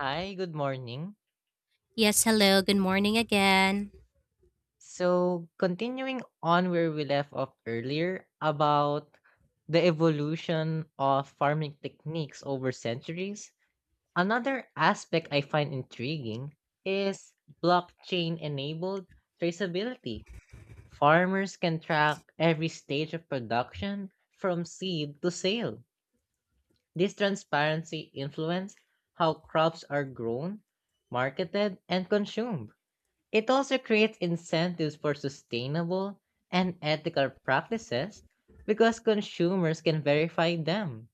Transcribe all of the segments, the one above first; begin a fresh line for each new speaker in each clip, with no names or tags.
Hi, good morning.
Yes, hello. Good morning again.
So, continuing on where we left off earlier about the evolution of farming techniques over centuries, another aspect I find intriguing is blockchain enabled traceability. Farmers can track every stage of production from seed to sale. This transparency influences how crops are grown, marketed, and consumed. It also creates incentives for sustainable and ethical practices because consumers can verify them.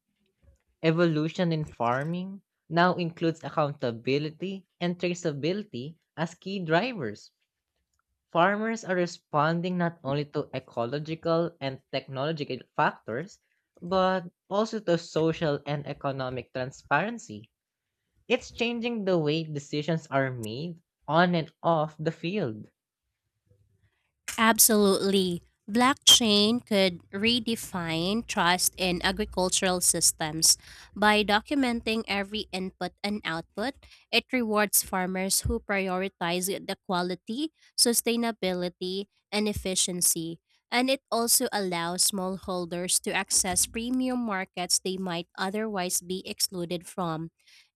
Evolution in farming now includes accountability and traceability as key drivers. Farmers are responding not only to ecological and technological factors, but also to social and economic transparency. It's changing the way decisions are made on and off the field.
Absolutely. Blockchain could redefine trust in agricultural systems. By documenting every input and output, it rewards farmers who prioritize the quality, sustainability, and efficiency. And it also allows smallholders to access premium markets they might otherwise be excluded from.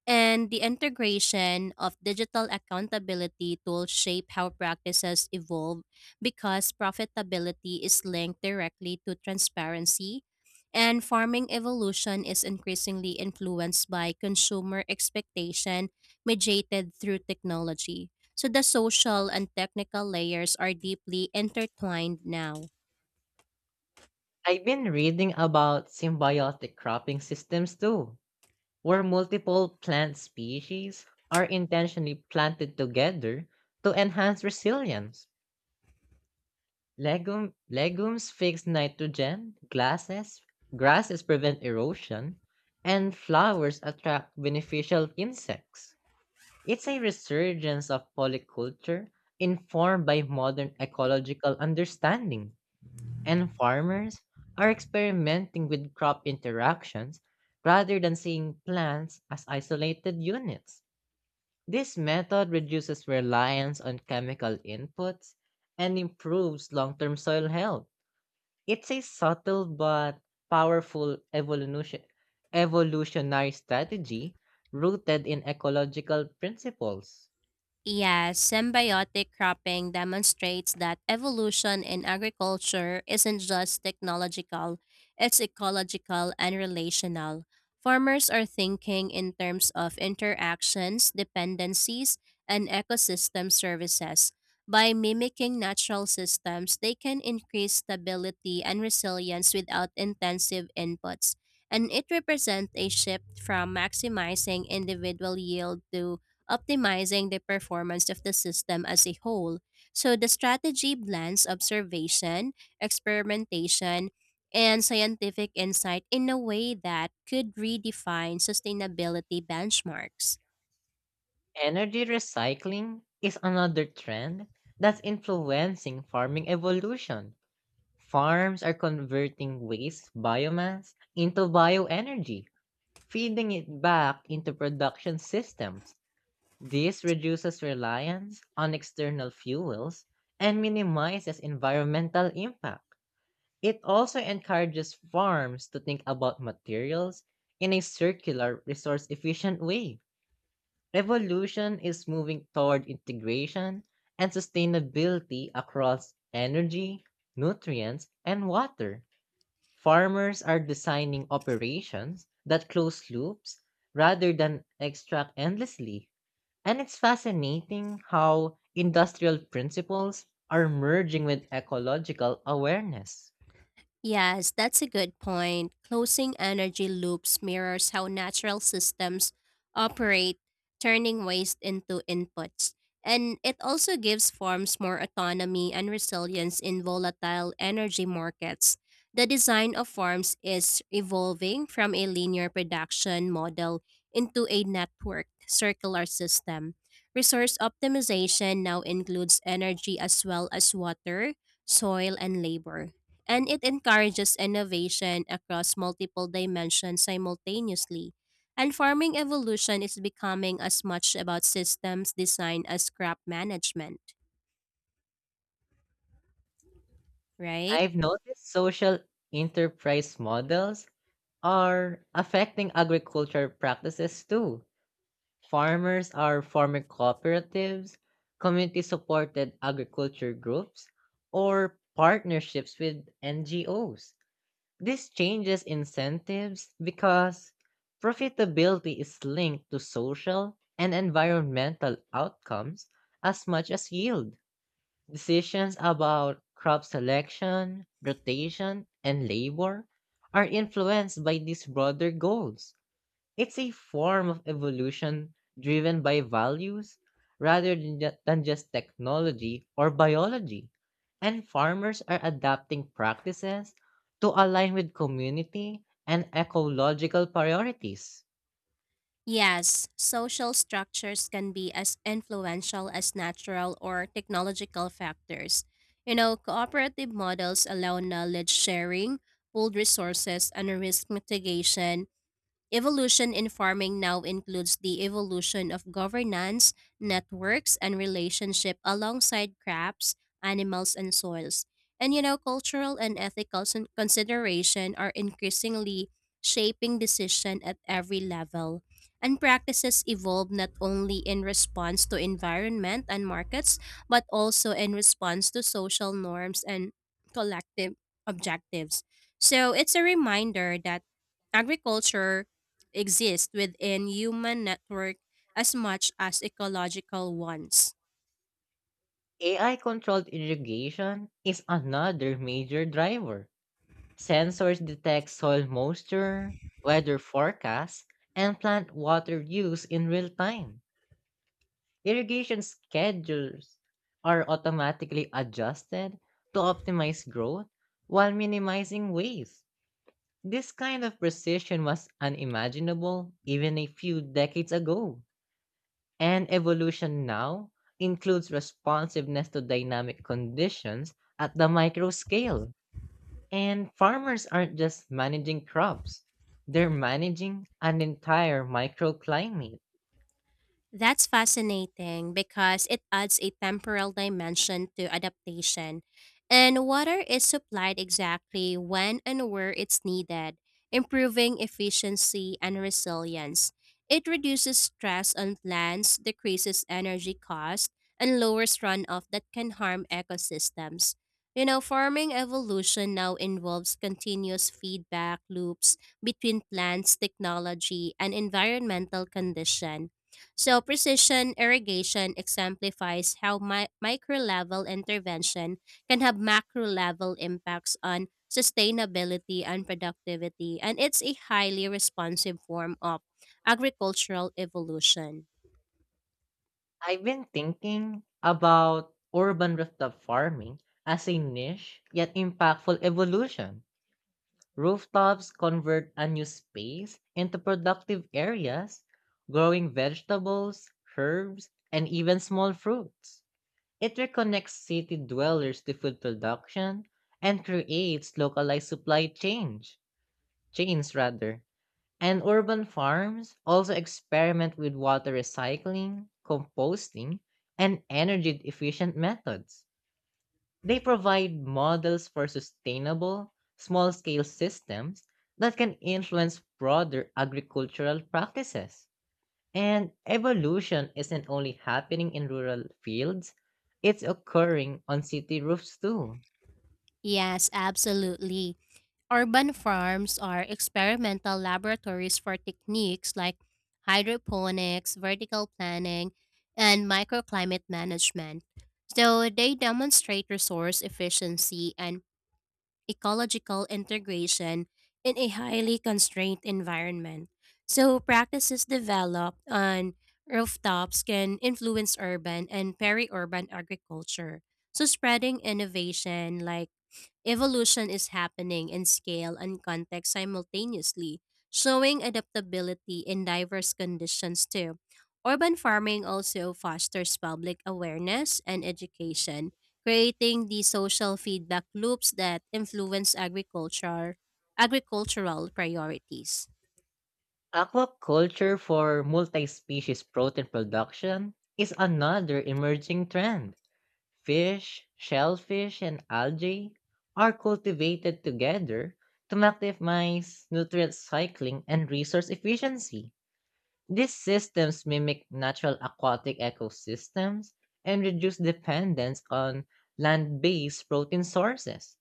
And the integration of digital accountability tools shape how practices evolve, because profitability is linked directly to transparency, and farming evolution is increasingly influenced by consumer expectation mediated through technology. So the social and technical layers are deeply intertwined now.
I've been reading about symbiotic cropping systems too, where multiple plant species are intentionally planted together to enhance resilience. Legumes fix nitrogen, grasses prevent erosion, and flowers attract beneficial insects. It's a resurgence of polyculture informed by modern ecological understanding, and farmers are experimenting with crop interactions rather than seeing plants as isolated units. This method reduces reliance on chemical inputs and improves long term soil health. It's a subtle but powerful evolutionary strategy rooted in ecological principles.
Yes, symbiotic cropping demonstrates that evolution in agriculture isn't just technological, it's ecological and relational. Farmers are thinking in terms of interactions, dependencies, and ecosystem services. By mimicking natural systems, they can increase stability and resilience without intensive inputs. And it represents a shift from maximizing individual yield to optimizing the performance of the system as a whole. So the strategy blends observation, experimentation, and scientific insight in a way that could redefine sustainability benchmarks.
Energy recycling is another trend that's influencing farming evolution. Farms are converting waste biomass into bioenergy, feeding it back into production systems. This reduces reliance on external fuels and minimizes environmental impact. It also encourages farms to think about materials in a circular, resource efficient way. Evolution is moving toward integration and sustainability across energy, nutrients, and water. Farmers are designing operations that close loops rather than extract endlessly. And it's fascinating how industrial principles are merging with ecological awareness.
Yes, that's a good point. Closing energy loops mirrors how natural systems operate, turning waste into inputs. And it also gives farms more autonomy and resilience in volatile energy markets. The design of farms is evolving from a linear production model into a networked circular system. Resource optimization now includes energy as well as water, soil, and labor, and it encourages innovation across multiple dimensions simultaneously. And farming evolution is becoming as much about systems design as crop management, right?
I've noticed social enterprise models are affecting agriculture practices too. Farmers are forming cooperatives, community supported agriculture groups, or partnerships with NGOs. This changes incentives because profitability is linked to social and environmental outcomes as much as yield. Decisions about crop selection, rotation, and labor are influenced by these broader goals. It's a form of evolution driven by values rather than just technology or biology. And farmers are adapting practices to align with community and ecological priorities.
Yes, social structures can be as influential as natural or technological factors. You know, cooperative models allow knowledge sharing, pooled resources, and risk mitigation. Evolution in farming now includes the evolution of governance, networks, and relationship alongside crops, animals, and soils. And you know, cultural and ethical consideration are increasingly shaping decision at every level. And practices evolve not only in response to environment and markets, but also in response to social norms and collective objectives. So it's a reminder that agriculture exist within human network as much as ecological ones.
AI controlled irrigation is another major driver. Sensors detect soil moisture, weather forecasts, and plant water use in real time. Irrigation schedules are automatically adjusted to optimize growth while minimizing waste. This kind of precision was unimaginable even a few decades ago. And evolution now includes responsiveness to dynamic conditions at the micro scale. And farmers aren't just managing crops, they're managing an entire microclimate.
That's fascinating because it adds a temporal dimension to adaptation. And water is supplied exactly when and where it's needed, improving efficiency and resilience. It reduces stress on plants, decreases energy cost, and lowers runoff that can harm ecosystems. You know, farming evolution now involves continuous feedback loops between plants, technology, and environmental condition. So, precision irrigation exemplifies how micro level intervention can have macro level impacts on sustainability and productivity, and it's a highly responsive form of agricultural evolution.
I've been thinking about urban rooftop farming as a niche yet impactful evolution. Rooftops convert unused space into productive areas, growing vegetables, herbs, and even small fruits. It reconnects city dwellers to food production and creates localized chains rather. And urban farms also experiment with water recycling, composting, and energy efficient methods. They provide models for sustainable, small scale systems that can influence broader agricultural practices. And evolution isn't only happening in rural fields, it's occurring on city roofs too.
Yes, absolutely. Urban farms are experimental laboratories for techniques like hydroponics, vertical planning, and microclimate management. So they demonstrate resource efficiency and ecological integration in a highly constrained environment. So, practices developed on rooftops can influence urban and peri urban agriculture. So, spreading innovation like evolution is happening in scale and context simultaneously, showing adaptability in diverse conditions too. Urban farming also fosters public awareness and education, creating the social feedback loops that influence agricultural priorities.
Aquaculture for multi species protein production is another emerging trend. Fish, shellfish, and algae are cultivated together to maximize nutrient cycling and resource efficiency. These systems mimic natural aquatic ecosystems and reduce dependence on land based protein sources.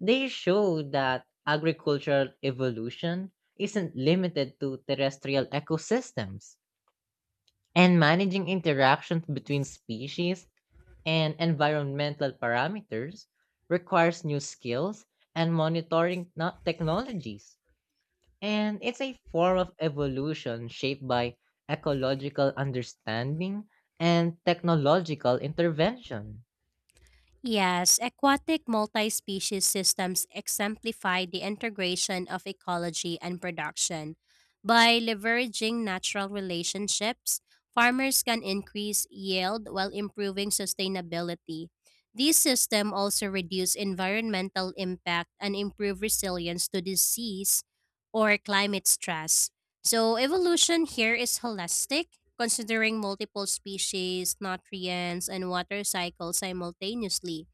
They show that agricultural evolution isn't limited to terrestrial ecosystems, and managing interactions between species and environmental parameters requires new skills and monitoring not technologies. And it's a form of evolution shaped by ecological understanding and technological intervention.
Yes, aquatic multi species systems exemplify the integration of ecology and production. By leveraging natural relationships, farmers can increase yield while improving sustainability. These systems also reduce environmental impact and improve resilience to disease or climate stress. So evolution here is holistic, considering multiple species, nutrients, and water cycles simultaneously.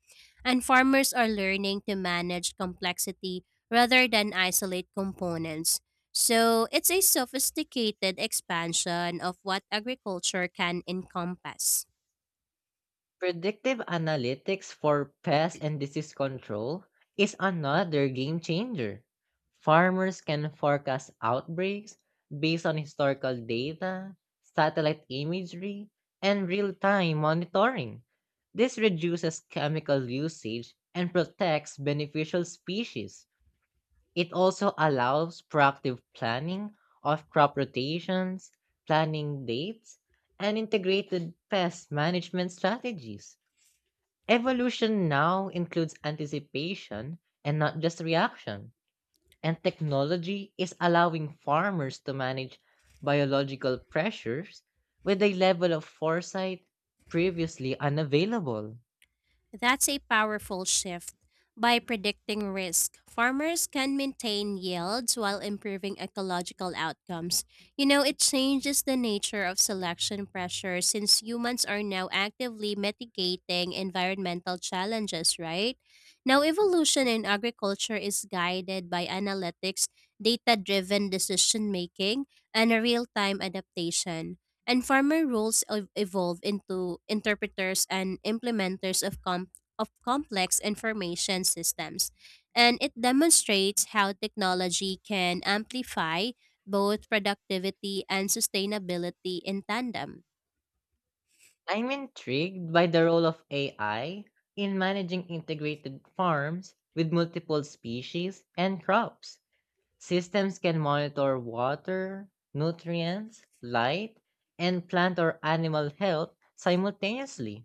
And farmers are learning to manage complexity rather than isolate components. So it's a sophisticated expansion of what agriculture can encompass.
Predictive analytics for pest and disease control is another game changer. Farmers can forecast outbreaks based on historical data, satellite imagery, and real time monitoring. This reduces chemical usage and protects beneficial species. It also allows proactive planning of crop rotations, planting dates, and integrated pest management strategies. Evolution now includes anticipation and not just reaction, and technology is allowing farmers to manage biological pressures with a level of foresight previously unavailable.
That's a powerful shift. By predicting risk, farmers can maintain yields while improving ecological outcomes. You know, it changes the nature of selection pressure since humans are now actively mitigating environmental challenges, right? Now, evolution in agriculture is guided by analytics, data driven decision making, and a real time adaptation. And farmer roles evolve into interpreters and implementers of of complex information systems, and it demonstrates how technology can amplify both productivity and sustainability in tandem.
I'm intrigued by the role of AI in managing integrated farms with multiple species and crops. Systems can monitor water, nutrients, light, and plant or animal health simultaneously.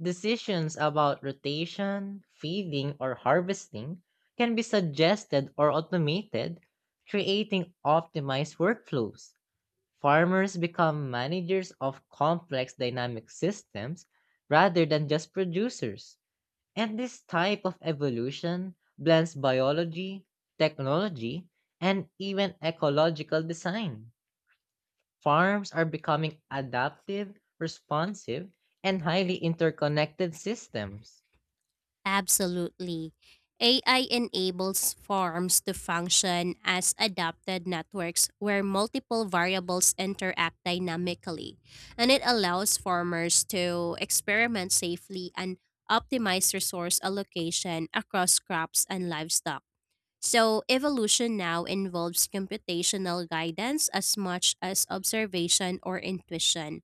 Decisions about rotation, feeding, or harvesting can be suggested or automated, creating optimized workflows. Farmers become managers of complex dynamic systems rather than just producers. And this type of evolution blends biology, technology, and even ecological design. Farms are becoming adaptive, responsive, and highly interconnected systems.
Absolutely. AI enables farms to function as adapted networks where multiple variables interact dynamically, and it allows farmers to experiment safely and optimize resource allocation across crops and livestock. So, evolution now involves computational guidance as much as observation or intuition.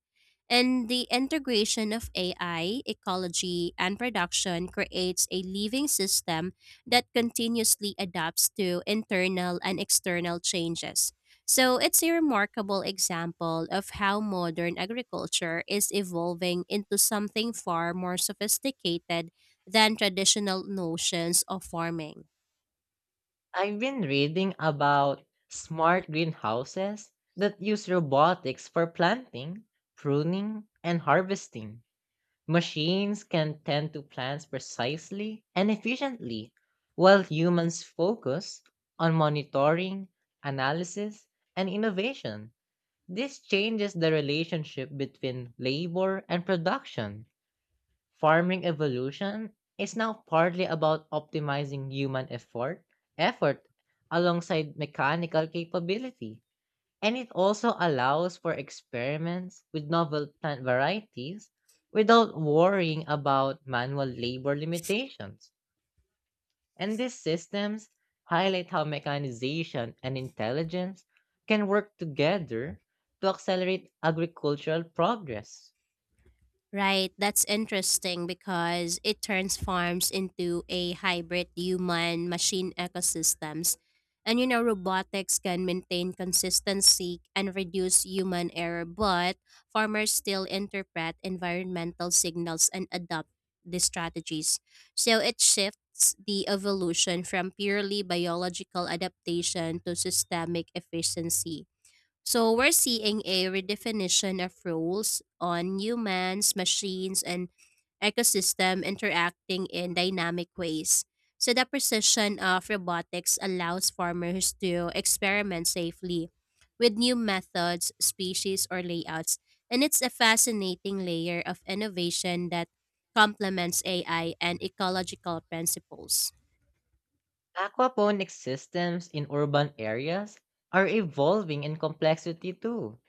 And the integration of AI, ecology, and production creates a living system that continuously adapts to internal and external changes. So, it's a remarkable example of how modern agriculture is evolving into something far more sophisticated than traditional notions of farming.
I've been reading about smart greenhouses that use robotics for planting, pruning, and harvesting. Machines can tend to plans precisely and efficiently, while humans focus on monitoring, analysis, and innovation. This changes the relationship between labor and production. Farming evolution is now partly about optimizing human effort alongside mechanical capability. And it also allows for experiments with novel plant varieties without worrying about manual labor limitations. And these systems highlight how mechanization and intelligence can work together to accelerate agricultural progress.
Right, that's interesting because it turns farms into a hybrid human machine ecosystems. And you know, robotics can maintain consistency and reduce human error, but farmers still interpret environmental signals and adopt these strategies. So it shifts the evolution from purely biological adaptation to systemic efficiency. So we're seeing a redefinition of roles on humans, machines, and ecosystem interacting in dynamic ways. So the precision of robotics allows farmers to experiment safely with new methods, species, or layouts. And it's a fascinating layer of innovation that complements AI and ecological principles.
Aquaponic systems in urban areas are evolving in complexity too.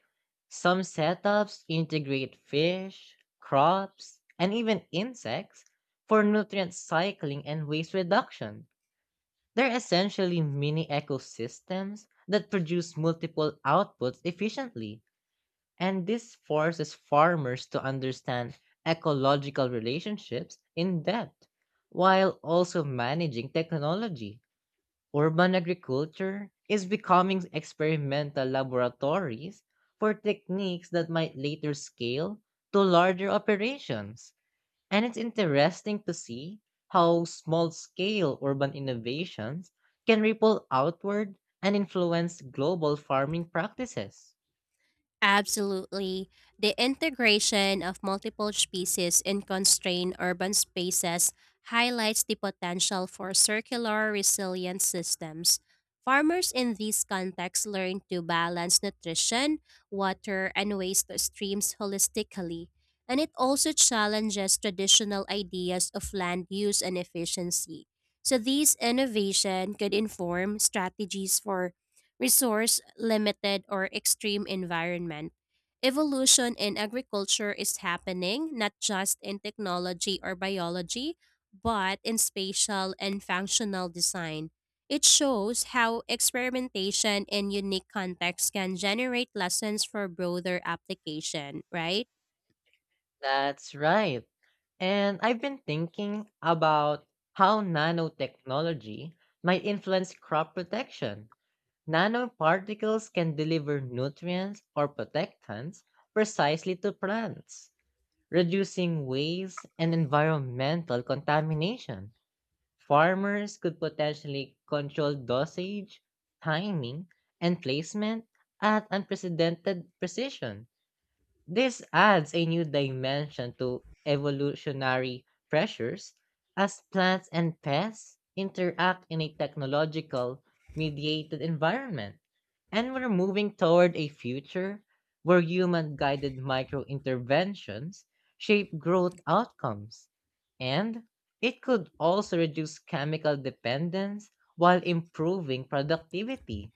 Some setups integrate fish, crops, and even insects for nutrient cycling and waste reduction. They're essentially mini ecosystems that produce multiple outputs efficiently, and this forces farmers to understand ecological relationships in depth while also managing technology. Urban agriculture is becoming experimental laboratories for techniques that might later scale to larger operations. And it's interesting to see how small scale urban innovations can ripple outward and influence global farming practices.
Absolutely. The integration of multiple species in constrained urban spaces highlights the potential for circular resilient systems. Farmers in these contexts learn to balance nutrition, water, and waste streams holistically, and it also challenges traditional ideas of land use and efficiency. So, these innovation could inform strategies for resource limited, or extreme environment. Evolution in agriculture is happening not just in technology or biology, but in spatial and functional design. It shows how experimentation in unique contexts can generate lessons for broader application, right?
That's right. And I've been thinking about how nanotechnology might influence crop protection. Nanoparticles can deliver nutrients or protectants precisely to plants, reducing waste and environmental contamination. Farmers could potentially control dosage, timing, and placement at unprecedented precision. This adds a new dimension to evolutionary pressures as plants and pests interact in a technological mediated environment. And we're moving toward a future where human guided micro interventions shape growth outcomes. And it could also reduce chemical dependence while improving productivity.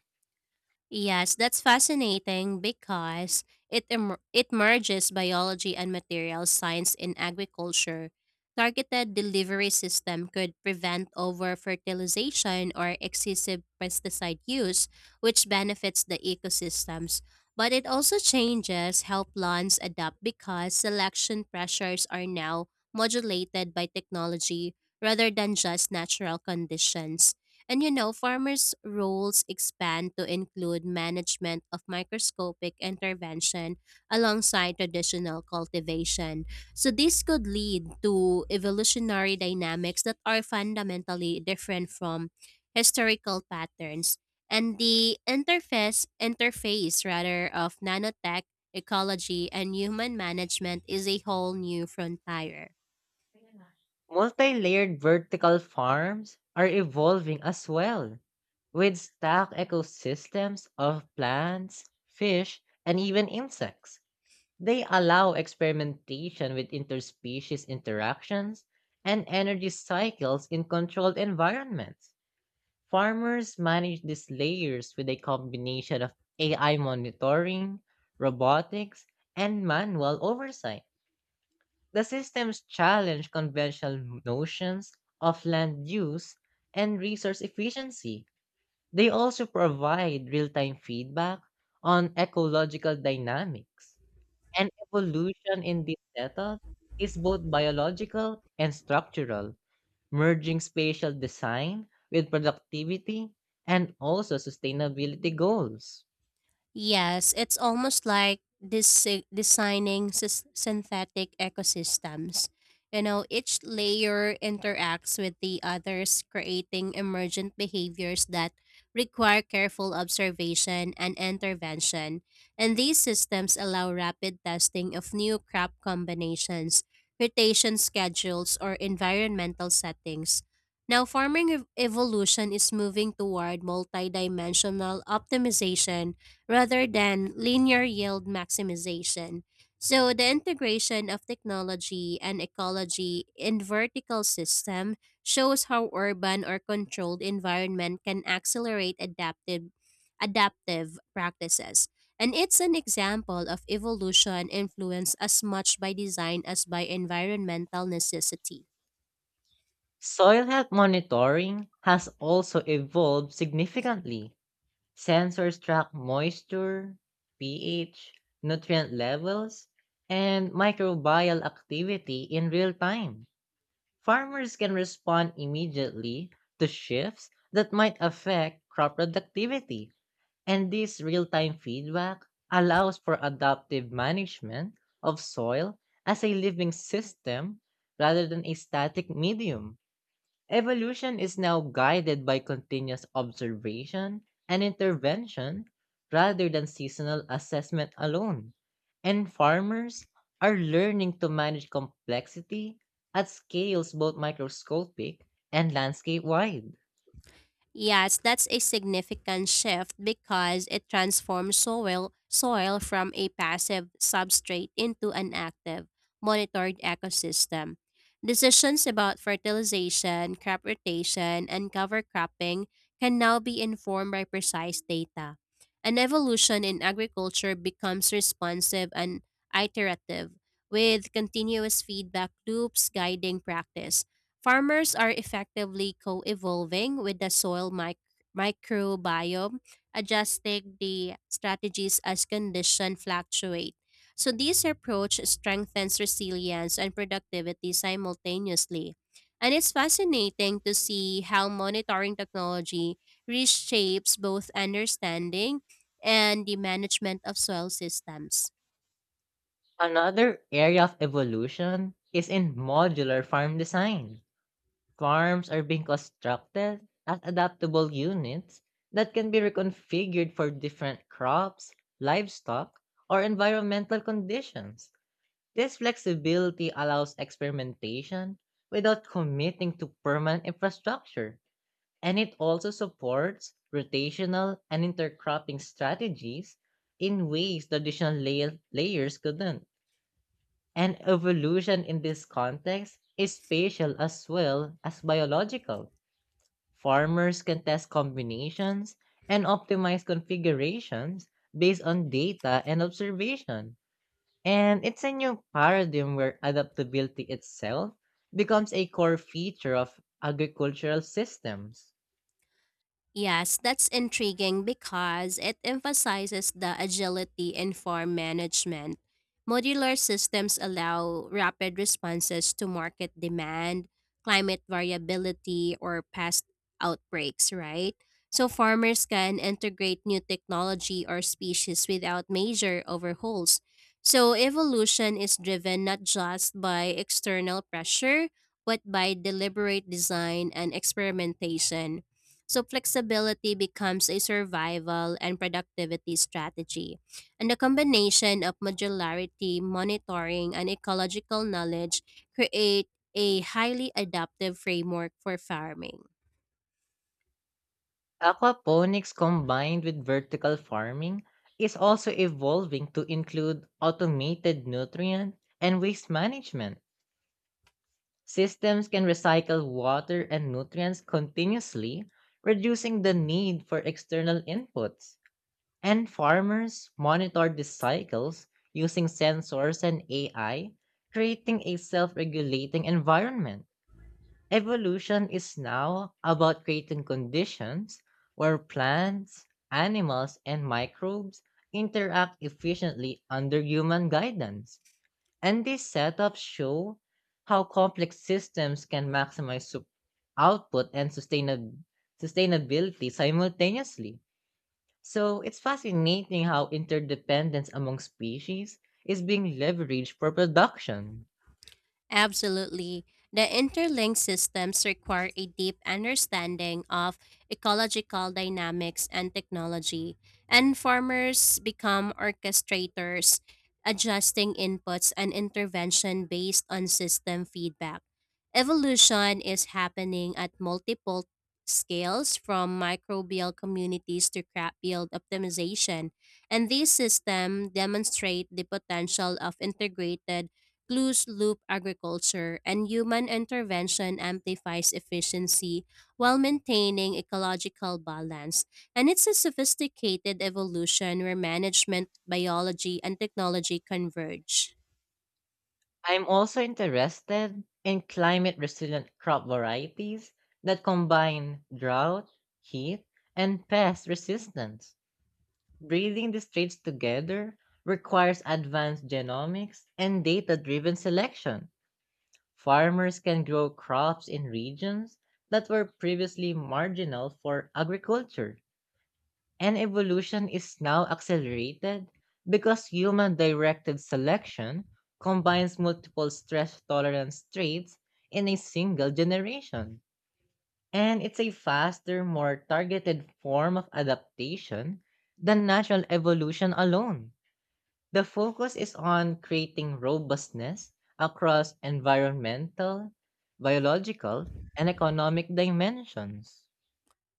Yes, that's fascinating because it merges biology and material science in agriculture. Targeted delivery system could prevent over-fertilization or excessive pesticide use, which benefits the ecosystems. But it also changes how plants adapt because selection pressures are now modulated by technology rather than just natural conditions. And you know, farmers' roles expand to include management of microscopic intervention alongside traditional cultivation. So, this could lead to evolutionary dynamics that are fundamentally different from historical patterns. And the interface rather, of nanotech, ecology, and human management is a whole new frontier.
Multi-layered vertical farms are evolving as well, with stacked ecosystems of plants, fish, and even insects. They allow experimentation with interspecies interactions and energy cycles in controlled environments. Farmers manage these layers with a combination of AI monitoring, robotics, and manual oversight. The systems challenge conventional notions of land use and resource efficiency. They also provide real time feedback on ecological dynamics. And evolution in this method is both biological and structural, merging spatial design with productivity and also sustainability goals.
Yes, it's almost like this designing synthetic ecosystems. You know, each layer interacts with the others, creating emergent behaviors that require careful observation and intervention. And these systems allow rapid testing of new crop combinations, rotation schedules, or environmental settings. Now, farming evolution is moving toward multidimensional optimization rather than linear yield maximization. So the integration of technology and ecology in vertical system shows how urban or controlled environment can accelerate adaptive practices. And it's an example of evolution influenced as much by design as by environmental necessity.
Soil health monitoring has also evolved significantly. Sensors track moisture, pH, nutrient levels, and microbial activity in real time. Farmers can respond immediately to shifts that might affect crop productivity, and this real time feedback allows for adaptive management of soil as a living system rather than a static medium. Evolution is now guided by continuous observation and intervention rather than seasonal assessment alone, and farmers are learning to manage complexity at scales both microscopic and landscape wide.
Yes, that's a significant shift because it transforms soil from a passive substrate into an active, monitored ecosystem. Decisions about fertilization, crop rotation, and cover cropping can now be informed by precise data. An evolution in agriculture becomes responsive and iterative, with continuous feedback loops guiding practice. Farmers are effectively co evolving with the soil microbiome, adjusting the strategies as conditions fluctuate. So, this approach strengthens resilience and productivity simultaneously. And it's fascinating to see how monitoring technology reshapes both understanding and the management of soil systems.
Another area of evolution is in modular farm design. Farms are being constructed as adaptable units that can be reconfigured for different crops, livestock, or environmental conditions. This flexibility allows experimentation without committing to permanent infrastructure, and it also supports rotational and intercropping strategies in ways traditional layers couldn't. And evolution in this context is spatial as well as biological. Farmers can test combinations and optimize configurations based on data and observation. And it's a new paradigm where adaptability itself becomes a core feature of agricultural systems.
Yes, that's intriguing because it emphasizes the agility in farm management. Modular systems allow rapid responses to market demand, climate variability, or pest outbreaks, right? So farmers can integrate new technology or species without major overhauls. So evolution is driven not just by external pressure, but by deliberate design and experimentation. So flexibility becomes a survival and productivity strategy. And the combination of modularity, monitoring, and ecological knowledge create a highly adaptive framework for farming.
Aquaponics combined with vertical farming is also evolving to include automated nutrient and waste management. Systems can recycle water and nutrients continuously, reducing the need for external inputs. And farmers monitor these cycles using sensors and AI, creating a self regulating environment. Evolution is now about creating conditions where plants, animals, and microbes interact efficiently under human guidance. And these setups show how complex systems can maximize output and sustainability simultaneously. So it's fascinating how interdependence among species is being leveraged for production.
Absolutely. The interlinked systems require a deep understanding of ecological dynamics and technology, and farmers become orchestrators, adjusting inputs and intervention based on system feedback. Evolution is happening at multiple scales from microbial communities to crop yield optimization, and these systems demonstrate the potential of integrated closed loop agriculture, and human intervention amplifies efficiency while maintaining ecological balance. And it's a sophisticated evolution where management, biology, and technology converge.
I'm also interested in climate resilient crop varieties that combine drought, heat, and pest resistance. Breeding these traits together requires advanced genomics and data driven selection. Farmers can grow crops in regions that were previously marginal for agriculture. And evolution is now accelerated because human directed selection combines multiple stress tolerance traits in a single generation. And it's a faster, more targeted form of adaptation than natural evolution alone. The focus is on creating robustness across environmental, biological, and economic dimensions.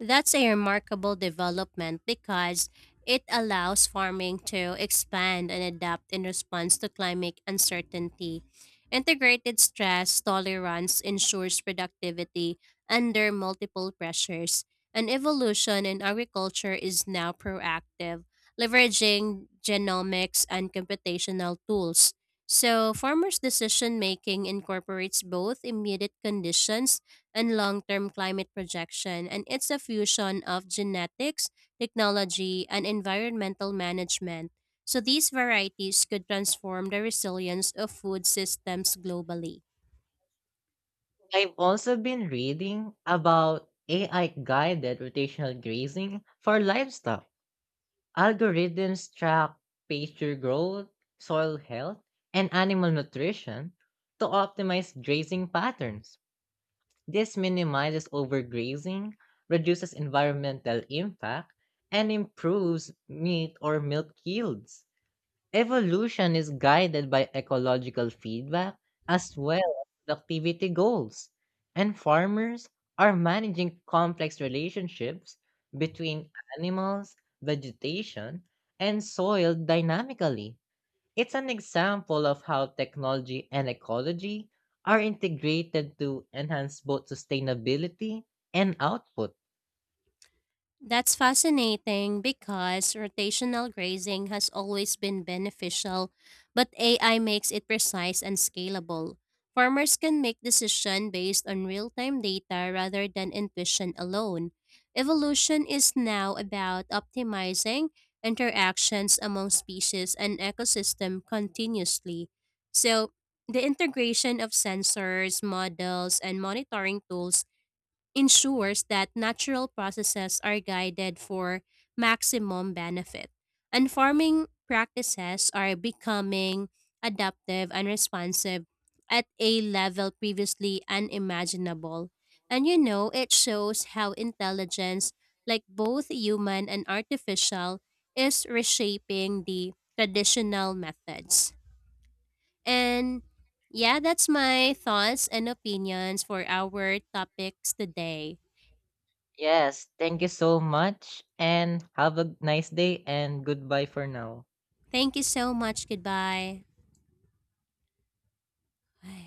That's a remarkable development because it allows farming to expand and adapt in response to climate uncertainty. Integrated stress tolerance ensures productivity under multiple pressures. An evolution in agriculture is now proactive, leveraging genomics and computational tools. So, farmers' decision making incorporates both immediate conditions and long term climate projection, and it's a fusion of genetics, technology, and environmental management. So these varieties could transform the resilience of food systems globally.
I've also been reading about AI guided rotational grazing for livestock. Algorithms track pasture growth, soil health, and animal nutrition to optimize grazing patterns. This minimizes overgrazing, reduces environmental impact, and improves meat or milk yields. Evolution is guided by ecological feedback as well as productivity goals, and farmers are managing complex relationships between animals, vegetation, and soil dynamically. It's an example of how technology and ecology are integrated to enhance both sustainability and output.
That's fascinating because rotational grazing has always been beneficial, but AI makes it precise and scalable. Farmers can make decisions based on real-time data rather than intuition alone. Evolution is now about optimizing interactions among species and ecosystem continuously. So, the integration of sensors, models, and monitoring tools ensures that natural processes are guided for maximum benefit. And farming practices are becoming adaptive and responsive at a level previously unimaginable. And you know, it shows how intelligence, like both human and artificial, is reshaping the traditional methods. And yeah, that's my thoughts and opinions for our topics today.
Yes, thank you so much and have a nice day and goodbye for now.
Thank you so much. Goodbye. Ay.